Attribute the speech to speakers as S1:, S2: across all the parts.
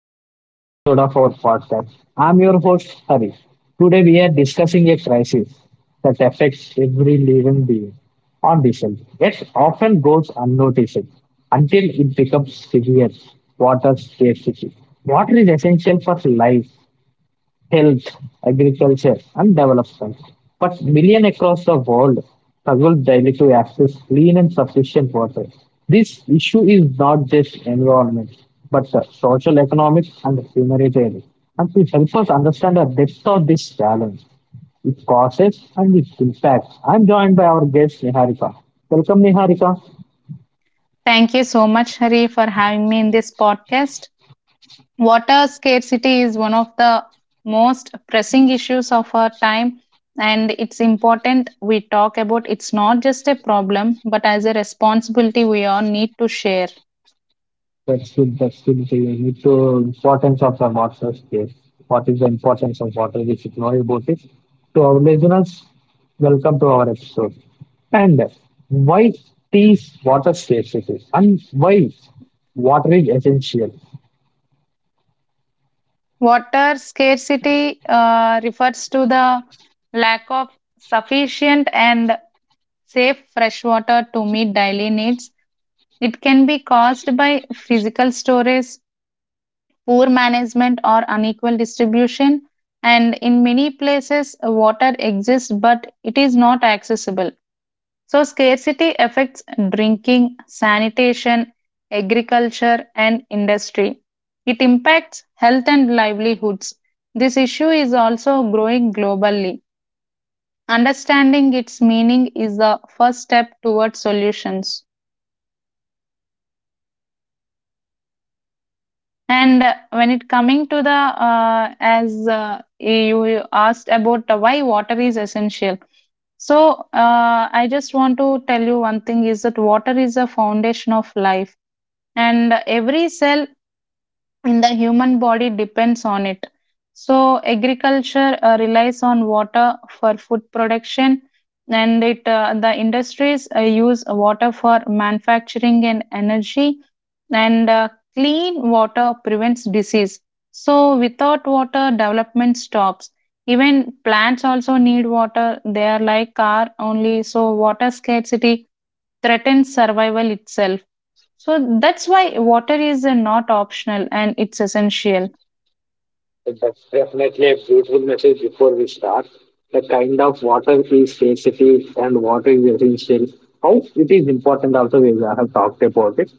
S1: important episode of our podcast. I'm your host Harish. Today we are discussing a crisis that affects every living being on this earth, yet often goes unnoticed until it becomes severe. Water scarcity. Water is essential for life, health, agriculture, and development. But millions across the world struggle daily to access clean and sufficient water. This issue is not just environment, but social, economic, and humanitarian. And to help us understand the depth of this challenge, its causes, and its impact, I'm joined by our guest Niharika. Welcome, Niharika.
S2: Thank you so much, Hari, for having me in this podcast. Water scarcity is one of the most pressing issues of our time, and it's important we talk about it's not just a problem, but as a responsibility we all need to share.
S1: That's good. That's good. So you need to importance of the water? Case. What is the importance of water? We should know about it. To our listeners, welcome to our episode. And why these water scarcity and why water is essential.
S2: Water scarcity refers to the lack of sufficient and safe fresh water to meet daily needs. It can be caused by physical storage, poor management or unequal distribution, and in many places water exists but it is not accessible. So scarcity affects drinking, sanitation, agriculture and industry. It impacts health and livelihoods. This issue is also growing globally. Understanding its meaning is the first step towards solutions. And when it coming to the as You asked about the why water is essential. So I just want to tell you one thing is that water is a foundation of life, and every cell and the human body depends on it. So agriculture relies on water for food production, and it the industries use water for manufacturing and energy, and clean water prevents disease. So, without water, development stops. Even plants also need water. They are like car only. So, water scarcity threatens survival itself. So that's why water is not optional and it's essential.
S1: That's definitely a beautiful message before we start. The kind of water is sensitive and water is essential. How it is important also we have talked about it.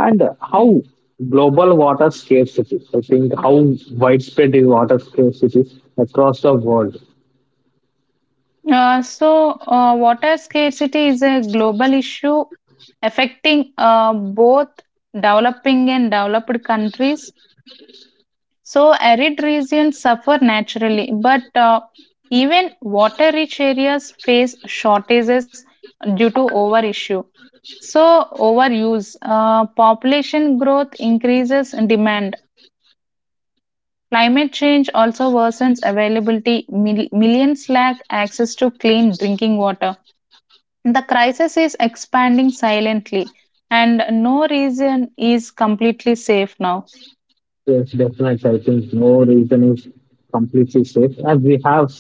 S1: And
S2: Mm.
S1: how global water scarcity, I think how widespread is water scarcity across the world.
S2: Water scarcity is a global issue affecting both developing and developed countries. So, arid regions suffer naturally, but even water rich areas face shortages due to over issue. So, overuse, population growth increases demand. Climate change also worsens availability. Millions lack access to clean drinking water. The crisis is expanding silently, and no region is completely safe now.
S1: Yes, definitely. I think no region is completely safe, as we have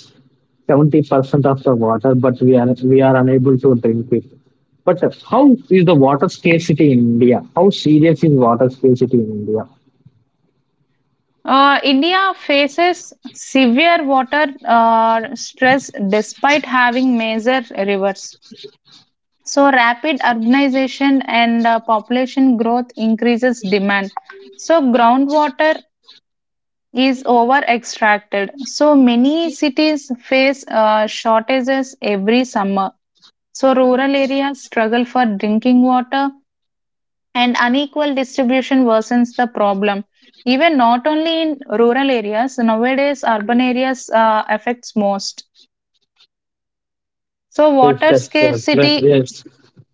S1: 70% of the water, but we are unable to drink it. But how is the water scarcity in India? How serious is water scarcity in India?
S2: India faces severe water stress despite having major rivers. So, rapid urbanization and population growth increases demand. So, groundwater is over extracted. So many cities face shortages every summer. So rural areas struggle for drinking water, and unequal distribution worsens the problem. Even not only in rural areas, nowadays urban areas affects most. So
S1: Yes,
S2: water
S1: that's yes,
S2: scarcity,
S1: yes,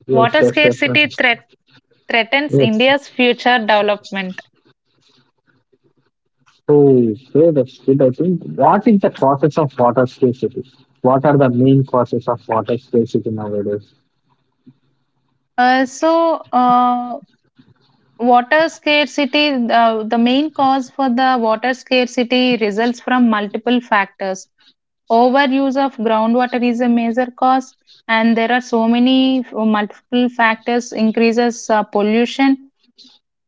S1: yes,
S2: water
S1: yes,
S2: scarcity
S1: definitely.
S2: threat, threatens
S1: Yes.
S2: India's future development.
S1: So, so that's good. I think what is the causes of water scarcity? What are the main causes of water scarcity nowadays?
S2: Uh, so, uh, Water scarcity, the main cause for the water scarcity results from multiple factors. Overuse of groundwater is a major cause, and there are so many multiple factors increases pollution.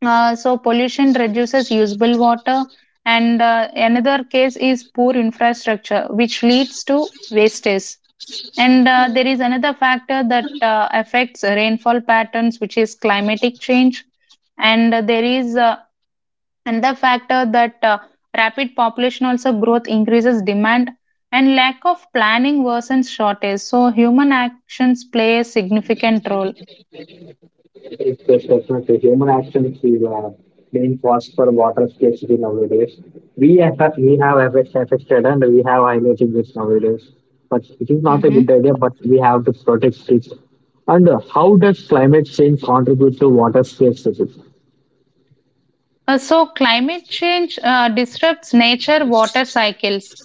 S2: So pollution reduces usable water, and another case is poor infrastructure, which leads to wastage. And there is another factor that affects rainfall patterns, which is climatic change, and there is Another factor that rapid population also growth increases demand and lack of planning worsens shortage. So human actions play a significant role.
S1: Yes, yes, definitely. Human action is the main cause for water scarcity nowadays. Affected and we have highlighted this nowadays. But it is not a good
S2: Hmm.
S1: idea. But we have to protect it. And how does climate change contribute to water scarcity?
S2: So climate change disrupts nature water cycles.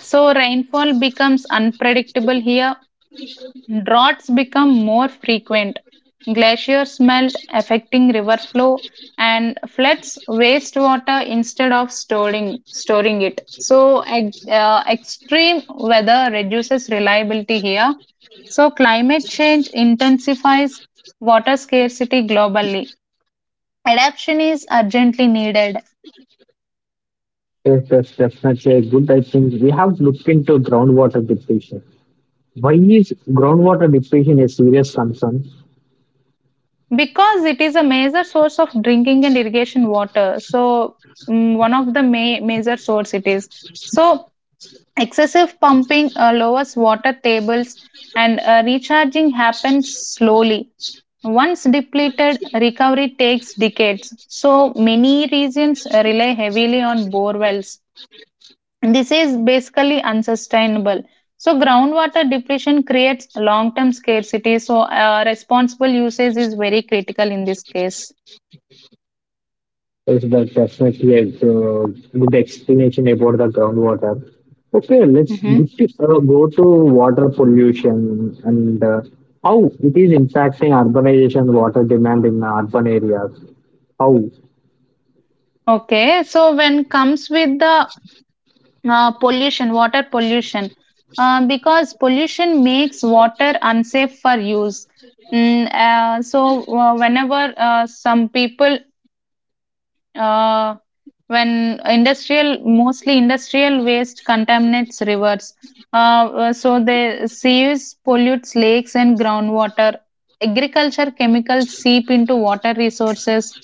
S2: So rainfall becomes unpredictable here. Droughts become more frequent, glaciers melt, affecting river flow, and floods wastewater instead of storing it. So extreme weather reduces reliability here. So, climate change intensifies water scarcity globally. Adaptation is urgently needed
S1: Yes, yes, definitely a good. I think we have looked into groundwater depletion. Why is groundwater depletion a serious concern?
S2: because it is a major source of drinking and irrigation water. So, mm, one of the major source it is. So, excessive pumping lowers water tables and recharging happens slowly. Once depleted, recovery takes decades. So many regions rely heavily on bore wells. This is basically unsustainable. So groundwater depletion creates long-term scarcity. So responsible usage is very critical in this case.
S1: Yes, that's definitely a uh, good explanation about the groundwater. Okay, let's go
S2: Hmm.
S1: to, go to water pollution and how it is impacting urbanization water demand in urban areas. How?
S2: Okay, so when comes with the water pollution, because pollution makes water unsafe for use. Mm, so whenever some people, uh, when industrial, mostly industrial waste contaminates rivers, uh, so the sewage pollutes lakes and groundwater. Agriculture chemicals seep into water resources,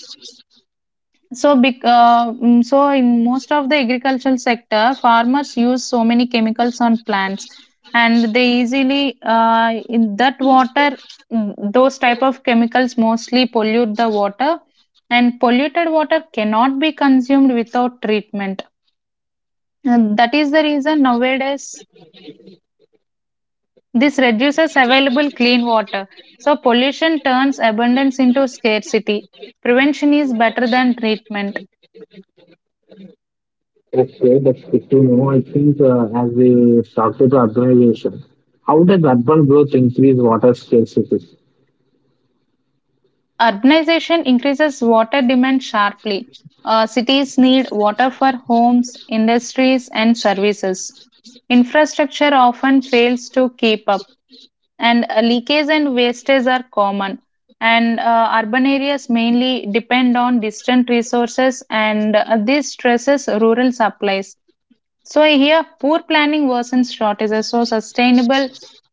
S2: so, so in most of the agricultural sector, farmers use so many chemicals on plants, and they easily in that water, mm, those type of chemicals mostly pollute the water, and polluted water cannot be consumed without treatment. And that is the reason nowadays this reduces available clean water. So pollution turns abundance into scarcity. Prevention is better than treatment.
S1: Okay, that's good to know. I think as we talked about urbanization, how does urban growth increase water scarcity?
S2: Urbanization increases water demand sharply. Cities need water for homes, industries, and services. Infrastructure often fails to keep up, and leakage and wastage are common. And urban areas mainly depend on distant resources, and this stresses rural supplies. So, here, poor planning worsens shortages, so sustainable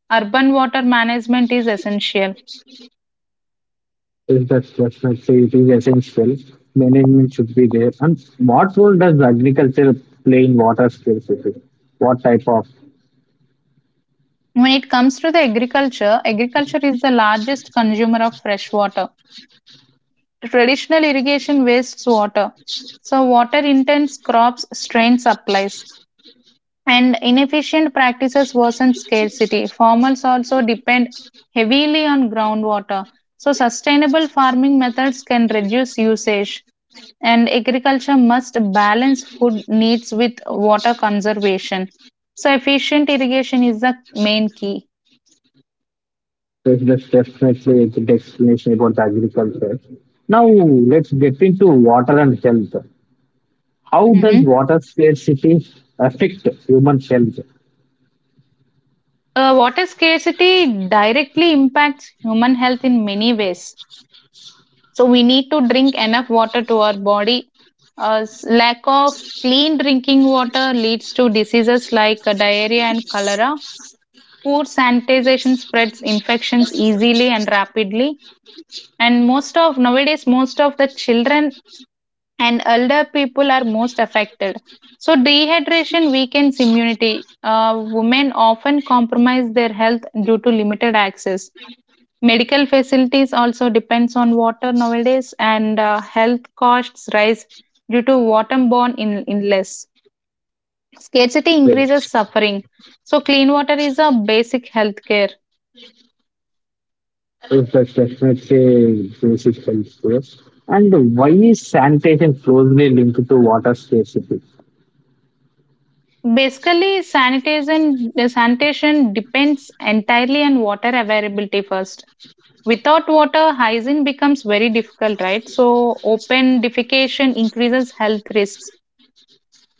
S2: urban water management is essential.
S1: Yes, that's definitely it is essential. Management should be there. And what role does agriculture play in water scarcity? What type of?
S2: When it comes to the agriculture, agriculture is the largest consumer of fresh water. Traditional irrigation wastes water. So water intense crops strain supplies and inefficient practices worsen scarcity. Farmers also depend heavily on groundwater. So sustainable farming methods can reduce usage and agriculture must balance food needs with water conservation. So efficient irrigation is the main key.
S1: Yes, that's definitely the explanation about agriculture. Now let's get into water and health. How does
S2: Mhm.
S1: water scarcity affect human health?
S2: Water scarcity directly impacts human health in many ways. So, we need to drink enough water to our body. Lack of clean drinking water leads to diseases like diarrhea and cholera. Poor sanitization spreads infections easily and rapidly. And most of nowadays, most of the children and elder people are most affected. So, dehydration weakens immunity. Women often compromise their health due to limited access. Medical facilities also depends on water nowadays, and health costs rise due to waterborne illness. Scarcity
S1: Yes,
S2: increases suffering. So clean water is a basic health care.
S1: yes, that's definitely basic health. Yes. And why is sanitation closely linked to water scarcity?
S2: Basically, sanitation depends entirely on water availability first. Without water, hygiene becomes very difficult, right? So open defecation increases health risks,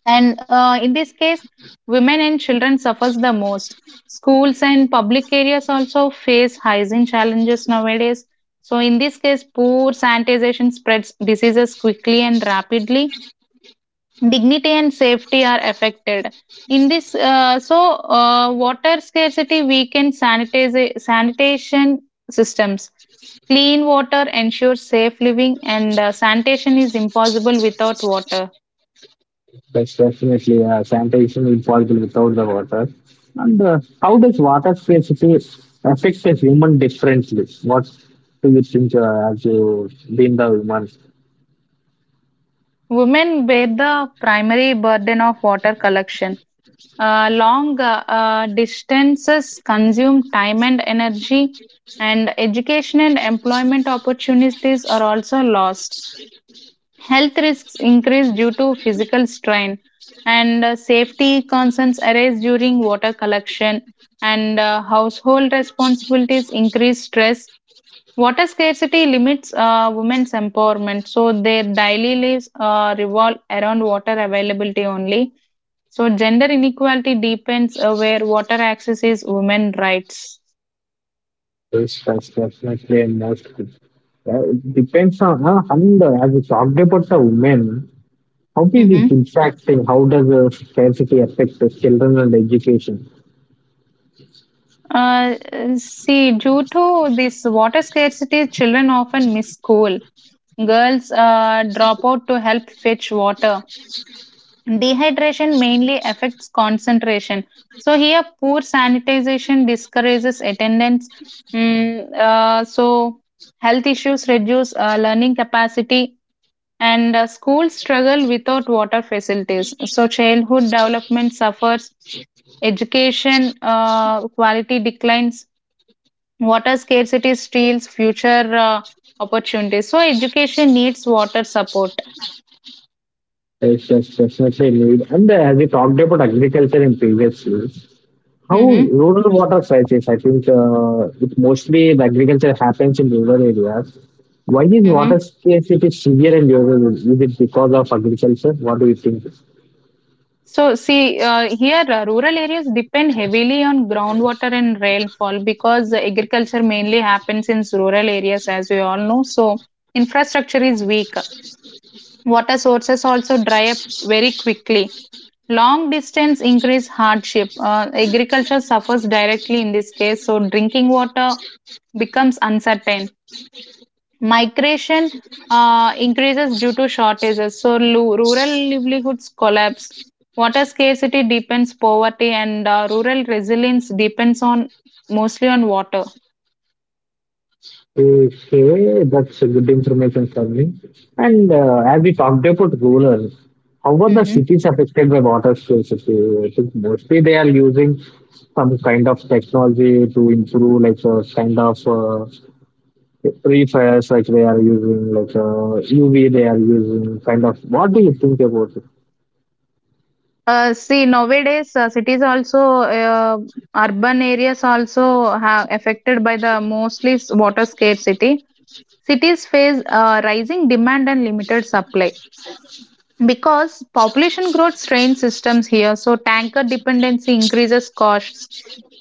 S2: and in this case women and children suffers the most. Schools and public areas also face hygiene challenges nowadays, so in this case poor sanitization spreads diseases quickly and rapidly. Dignity and safety are affected in this. Water scarcity weakens sanitation systems. Clean water ensures safe living, and sanitation is impossible without water.
S1: Yes, definitely. Sanitation is possible without the water. And how does water scarcity affect a human differently? What do you think as you being the human?
S2: Women bear the primary burden of water collection. Long distances consume time and energy, and education and employment opportunities are also lost. Health risks increase due to physical strain, and safety concerns arise during water collection, and household responsibilities increase stress. Water scarcity limits women's empowerment, so their daily lives revolve around water availability only. So gender inequality deepens where water access is women rights.
S1: Yes, that's definitely a most. It depends on and as you talked about the women, how is it
S2: Mm-hmm.
S1: impacting? How does scarcity affect the children and education?
S2: Uh, see, due to this water scarcity, children often miss school. Girls drop out to help fetch water. Dehydration mainly affects concentration. So here, poor sanitization discourages attendance. So health issues reduce learning capacity, and schools struggle without water facilities. So childhood development suffers, education quality declines, water scarcity steals future opportunities. So education needs water support.
S1: Yes, yes, definitely need. And as you talked about agriculture in previous years, how
S2: Mm-hmm.
S1: rural water crisis? I think it mostly the agriculture happens in rural areas. Why is water
S2: Mm-hmm.
S1: scarcity severe in rural? Is it because of agriculture? What do you think?
S2: So, see, here rural areas depend heavily on groundwater and rainfall because the agriculture mainly happens in rural areas, as we all know. So infrastructure is weak. Water sources also dry up very quickly. Long distance increase hardship. Agriculture suffers directly in this case. So, drinking water becomes uncertain. Migration increases due to shortages, so rural livelihoods collapse. Water scarcity deepens poverty, and rural resilience depends on mostly on water.
S1: Okay, that's a good information for me. And as we talked about rural, how are the
S2: Hmm.
S1: cities affected by water scarcity? I think mostly they are using some kind of technology to improve, like kind of. Free fires like they are using like UV they are using kind of what do you think about it?
S2: Nowadays cities also uh, urban areas also have affected by the water scarcity. Cities face rising demand and limited supply. Because population growth strains systems here, so tanker dependency increases costs.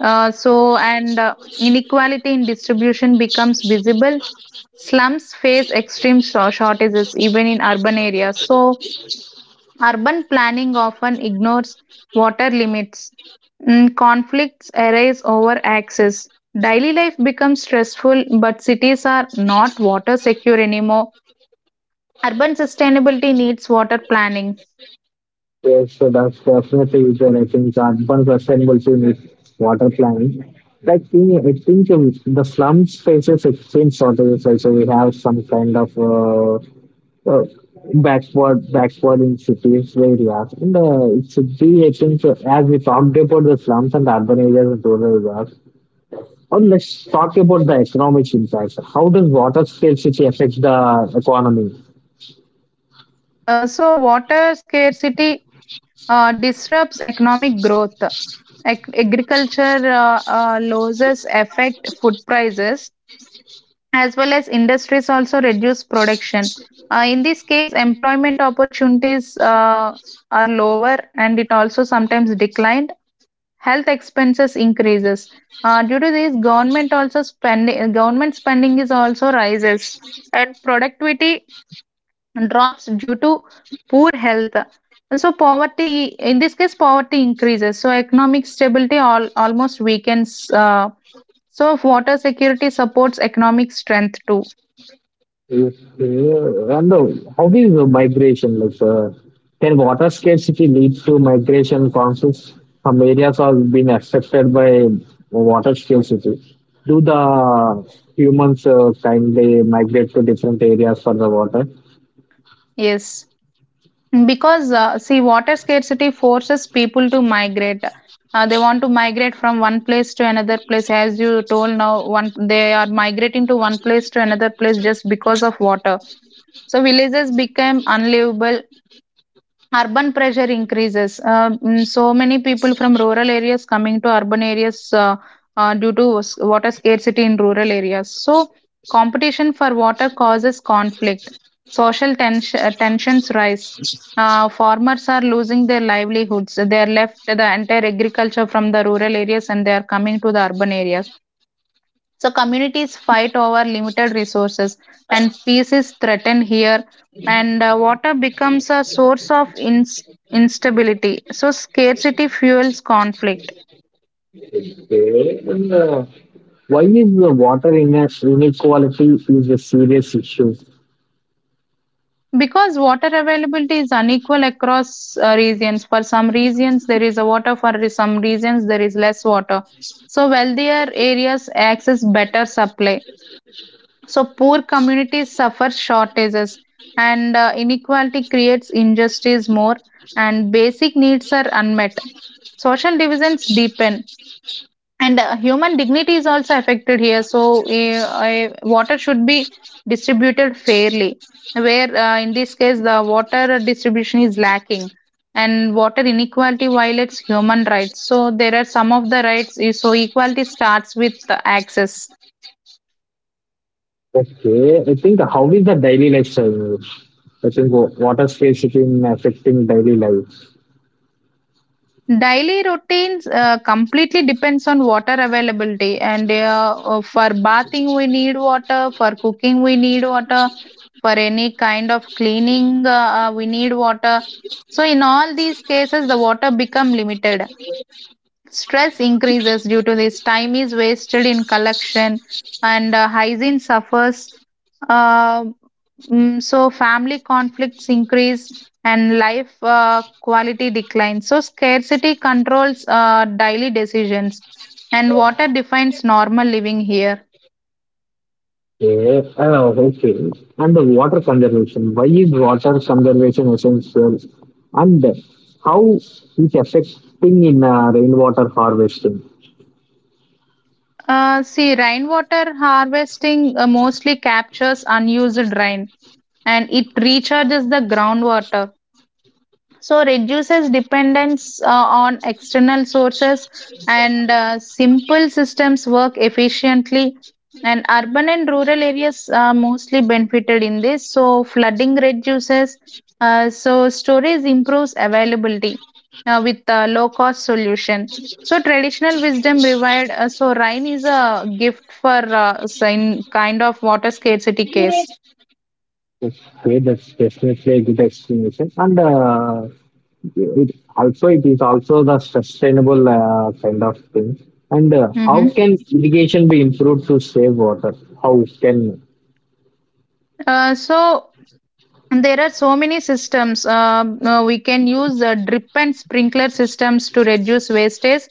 S2: So, and Inequality in distribution becomes visible. Slums face extreme shortages even in urban areas. So, urban planning often ignores water limits. Mm, conflicts arise over access. Daily life becomes stressful, but cities are not water secure anymore. Urban sustainability needs water planning.
S1: Yes, so that's definitely there. I think urban sustainability with water planning. Like in, I think the slums faces extreme shortages. Also, we have some kind of uh, backward in cities areas. And it should be I think as we talked about the slums and urban areas and rural areas. Now let's talk about the economic impact. How does water scarcity affect the economy?
S2: Water scarcity disrupts economic growth. Agriculture losses affect food prices, as well as industries also reduce production. In this case, employment opportunities are lower, and it also sometimes declined. Health expenses increases. Due to this, government spending is also rises, and productivity drops due to poor health. So poverty, in this case, poverty increases. So economic stability all, almost weakens. So water security supports economic strength too.
S1: Yes. And how is the migration? Like, can water scarcity lead to migration conflicts? Some areas are being affected by water scarcity. Do the humans kindly migrate to different areas for the water?
S2: Yes, because see, water scarcity forces people to migrate. They want to migrate from one place to another place. As you told now, one they are migrating to one place to another place just because of water. So villages became unlivable. Urban pressure increases. So many people from rural areas coming to urban areas due to water scarcity in rural areas. So competition for water causes conflict. Social tensions rise. Farmers are losing their livelihoods. They are left the entire agriculture from the rural areas and they are coming to the urban areas. So communities fight over limited resources, and peace is threatened here. And water becomes a source of instability. So scarcity fuels conflict
S1: Okay. And, why is the water ine- inequality is a serious issue?
S2: because water availability is unequal across regions. For some regions there is a water, some regions there is less water. So wealthier areas access better supply. So poor communities suffer shortages and inequality creates injustice more and basic needs are unmet. Social divisions deepen and human dignity is also affected here. So water should be distributed fairly where in this case the water distribution is lacking, and water inequality violates human rights. So there are some of the rights. So equality starts with access.
S1: Okay, I think how is the daily lifestyle? I think wa- water scarcity in affecting daily life.
S2: Daily routines completely depends on water availability, and for bathing we need water, for cooking we need water, for any kind of cleaning we need water. So in all these cases the water become limited. Stress increases due to this. Time is wasted in collection, and hygiene suffers. Uh, so family conflicts increase and life quality declines. So scarcity controls daily decisions, and water defines normal living here.
S1: Yeah, oh, okay. And the water conservation. Why is water conservation essential? And how is affecting in rainwater harvesting?
S2: See, rainwater harvesting mostly captures unused rain and it recharges the groundwater. So, reduces dependence on external sources, and simple systems work efficiently. And urban and rural areas are mostly benefited in this. So, flooding reduces, so, storage improves availability with low cost solution. So, traditional wisdom revived. So, rain is a gift for in kind of water scarcity case.
S1: Okay, that's definitely a good explanation. And it also it is also the sustainable kind of thing. And how
S2: hmm
S1: can irrigation be improved to save water? How can?
S2: uh, so And there are so many systems. We can use drip and sprinkler systems to reduce wastage.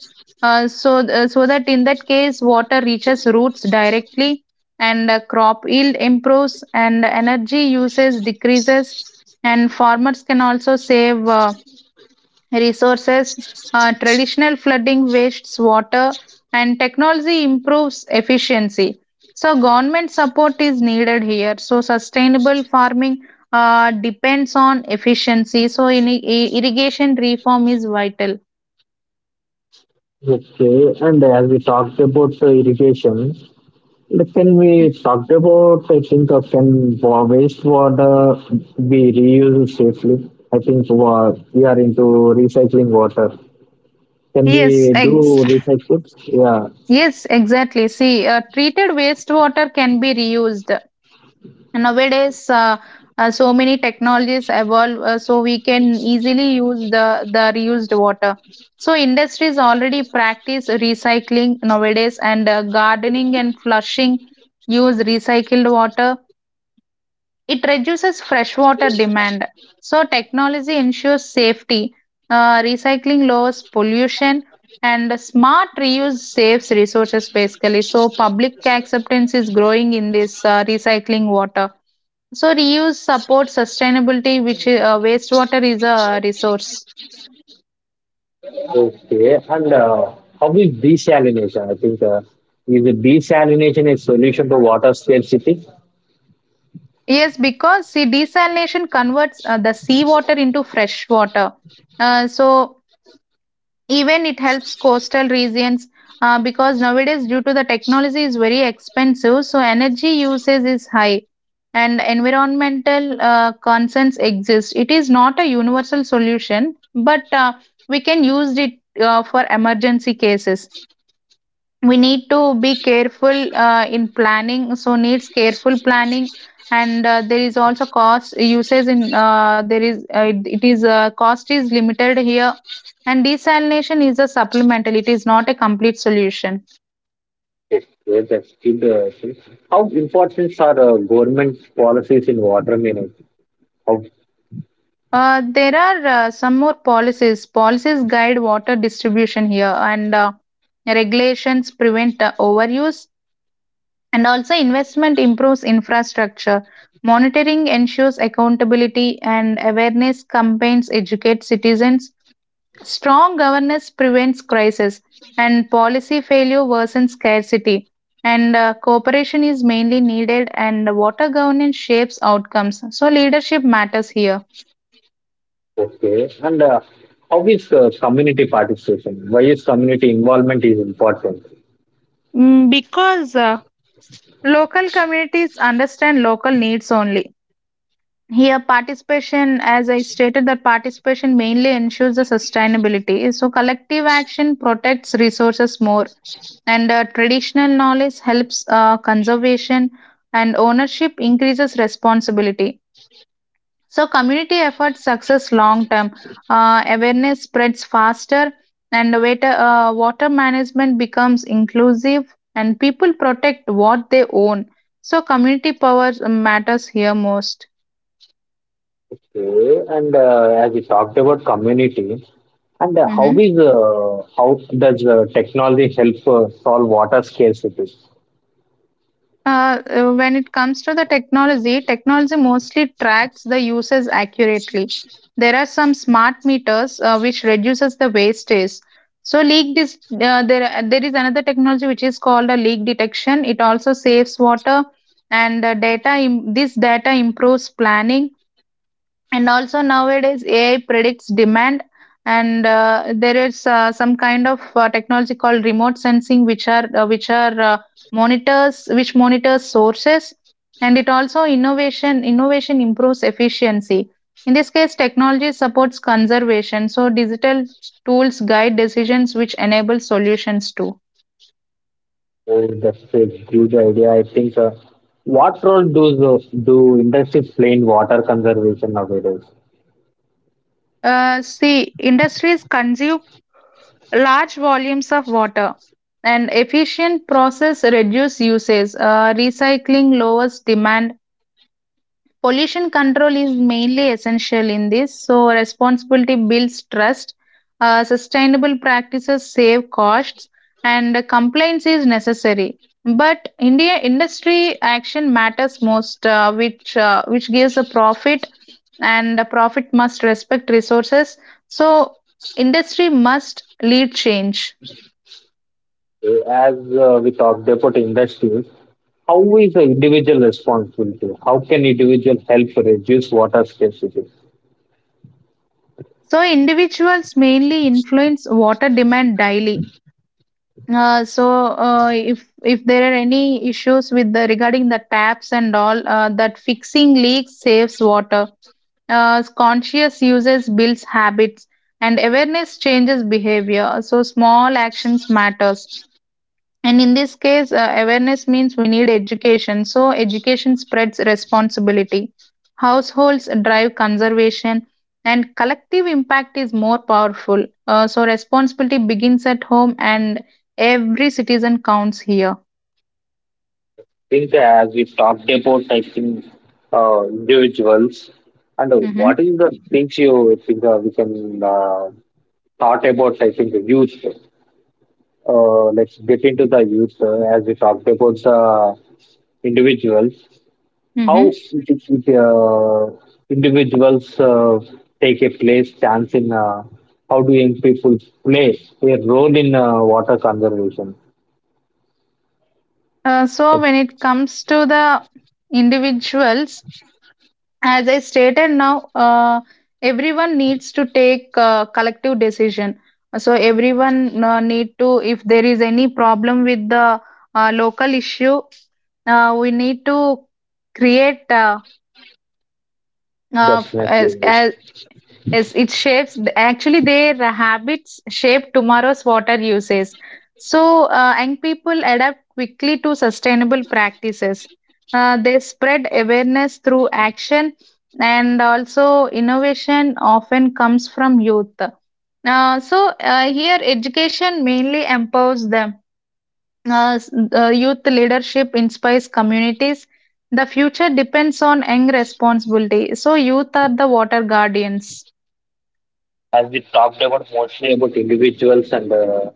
S2: So that in that case, water reaches roots directly, and crop yield improves, and energy usage decreases, and farmers can also save. Resources, traditional flooding wastes water, and technology improves efficiency. So, government support is needed here. So, sustainable farming depends on efficiency. So, irrigation reform is vital.
S1: Okay, and as we talked about irrigation, like, can
S2: Hmm.
S1: we talk about? I think can wa- wastewater be reused safely? I think wa- we are into recycling water. Can
S2: Yes,
S1: we
S2: ex-
S1: do recycle? Yeah.
S2: yes, exactly. See, treated wastewater can be reused. And nowadays so many technologies evolve, so we can easily use the reused water. So industries already practice recycling nowadays, and gardening and flushing use recycled water. It reduces freshwater demand. So technology ensures safety. Recycling lowers pollution and smart reuse saves resources basically. So public acceptance is growing in this recycling water. So reuse supports sustainability, which wastewater is a resource.
S1: Okay, and how is desalination? I think is the desalination a solution to water scarcity?
S2: Yes, because see, desalination converts the seawater into fresh water. Uh, so Even it helps coastal regions because nowadays, due to the technology is very expensive, so energy usage is high, and environmental concerns exist. It is not a universal solution, but we can use it for emergency cases. We need to be careful in planning, so needs careful planning. And there is also cost uses in there is it, it is cost is limited here. And desalination is a supplemental, it is not a complete solution.
S1: Okay, that's good. Thing. How important are government policies in water management? How,
S2: There are some more policies. Policies guide water distribution here, and regulations prevent overuse. And also, investment improves infrastructure. Monitoring ensures accountability, and awareness campaigns educate citizens. Strong governance prevents crisis, and policy failure worsens scarcity. And cooperation is mainly needed, and water governance shapes outcomes. So, leadership matters here.
S1: okay, and how is community participation? Why is community involvement is important?
S2: Because local communities understand local needs only. Here, participation, as I stated, that participation mainly ensures the sustainability. So, collective action protects resources more, and traditional knowledge helps conservation, and ownership increases responsibility. So, community efforts success long term. Awareness spreads faster, and water management becomes inclusive, and people protect what they own. So, community power matters here most.
S1: Okay, and as we talked about community, and
S2: Mm-hmm.
S1: how does technology help solve water scarcity?
S2: When it comes to the technology, technology mostly tracks the usage accurately. There are some smart meters which reduces the wastage. So leak dis- there There is another technology which is called a leak detection. It also saves water, and this data improves planning. And also nowadays AI predicts demand, and there is some kind of technology called remote sensing, which monitors sources. And it also innovation improves efficiency. In this case technology supports conservation, so digital tools guide decisions, which enable solutions too.
S1: Oh, that's a huge idea. I think. What role do do industries play in water conservation nowadays?
S2: See, industries consume large volumes of water, and efficient process reduce usage. Recycling lowers demand. Pollution control is mainly essential in this, so responsibility builds trust. Sustainable practices save costs, and compliance is necessary. But india industry action matters most, which gives a profit, and the profit must respect resources. So industry must lead change.
S1: As we talked about industries, how is the individual responsibility? How can individual help reduce water scarcity? I
S2: So individuals mainly influence water demand daily. If there are any issues with the regarding the taps and all, that fixing leaks saves water. Conscious uses builds habits, and awareness changes behavior. So small actions matters. And in this case, awareness means we need education. So, education spreads responsibility. Households drive conservation, and collective impact is more powerful. So, responsibility begins at home, and every citizen counts here.
S1: think as we talked about, I think individuals. And
S2: hmm
S1: what is the things you think we can thought about? I think a huge thing. Let's get into the youth as we talked about the individuals. How
S2: hmm
S1: individuals take a place chance in how do young people play a role in water conservation? That's
S2: When it comes to the individuals, as I stated now everyone needs to take collective decision. So everyone need to, if there is any problem with the local issue, we need to create
S1: definitely, yes.
S2: as yes, it shapes actually their habits shape tomorrow's water uses. So, young people adapt quickly to sustainable practices. They spread awareness through action, and also innovation often comes from youth. Uh, so, Here education mainly empowers them. Uh, s- Youth leadership inspires communities. The future depends on young responsibility. So, youth are the water guardians.
S1: As we talked about mostly about individuals and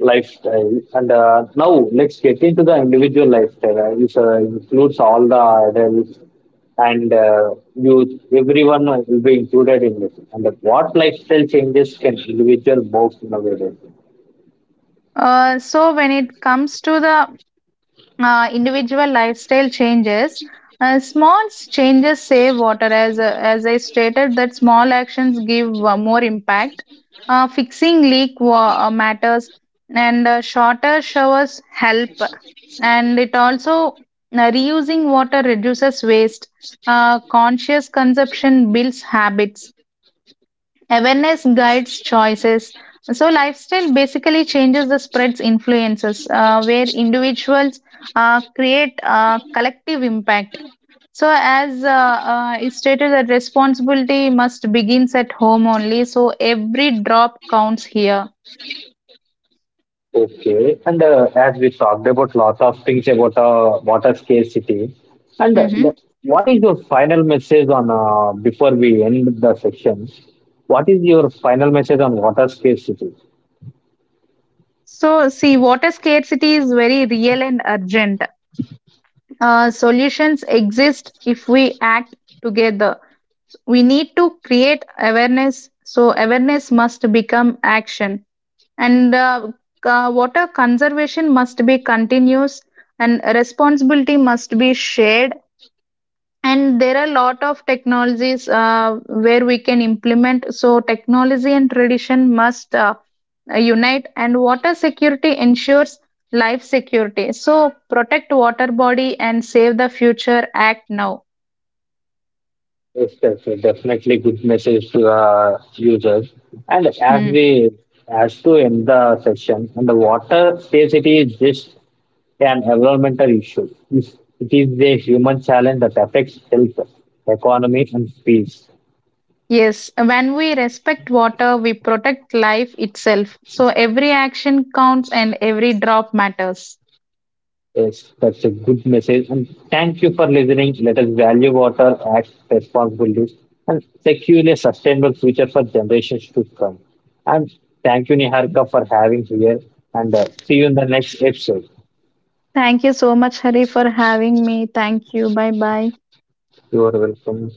S1: lifestyle. And now let's get into the individual lifestyle, which includes all the adults and youth. Everyone will be included in this. And what lifestyle changes can individual most nowadays?
S2: So when it comes to the individual lifestyle changes, changes save water. As I stated, that small actions give more impact. Fixing leak wa- matters, and shorter showers help. And it also reusing water reduces waste. Conscious consumption builds habits, awareness guides choices. So lifestyle basically changes the spreads influences where individuals create a collective impact. So as is stated that responsibility must begins at home only, so every drop counts here.
S1: Okay, and as we talked about lots of things about water scarcity, and
S2: hmm
S1: what is your final message on before we end the section? What is your final message on water scarcity?
S2: so see, water scarcity is very real and urgent. Solutions exist if we act together. We need to create awareness, so awareness must become action. And Water conservation must be continuous, and responsibility must be shared. And there are a lot of technologies where we can implement. Technology and tradition must unite, and water security ensures life security. So protect water body and save the future. Act now.
S1: Yes, yes, yes, definitely good message to the users. And
S2: Hmm.
S1: as to end the session, and the water scarcity is just an environmental issue. It's- It is a human challenge that affects health, economy, and peace.
S2: Yes, when we respect water we protect life itself. So every action counts and every drop matters.
S1: Yes, that's a good message. And thank you for listening. Let us value water, act responsibly, and secure a sustainable future for generations to come. And thank you, Niharika, for having here. And see you in the next episode.
S2: Thank you so much, Hari, for having me. Thank you. Bye bye.
S1: You are welcome.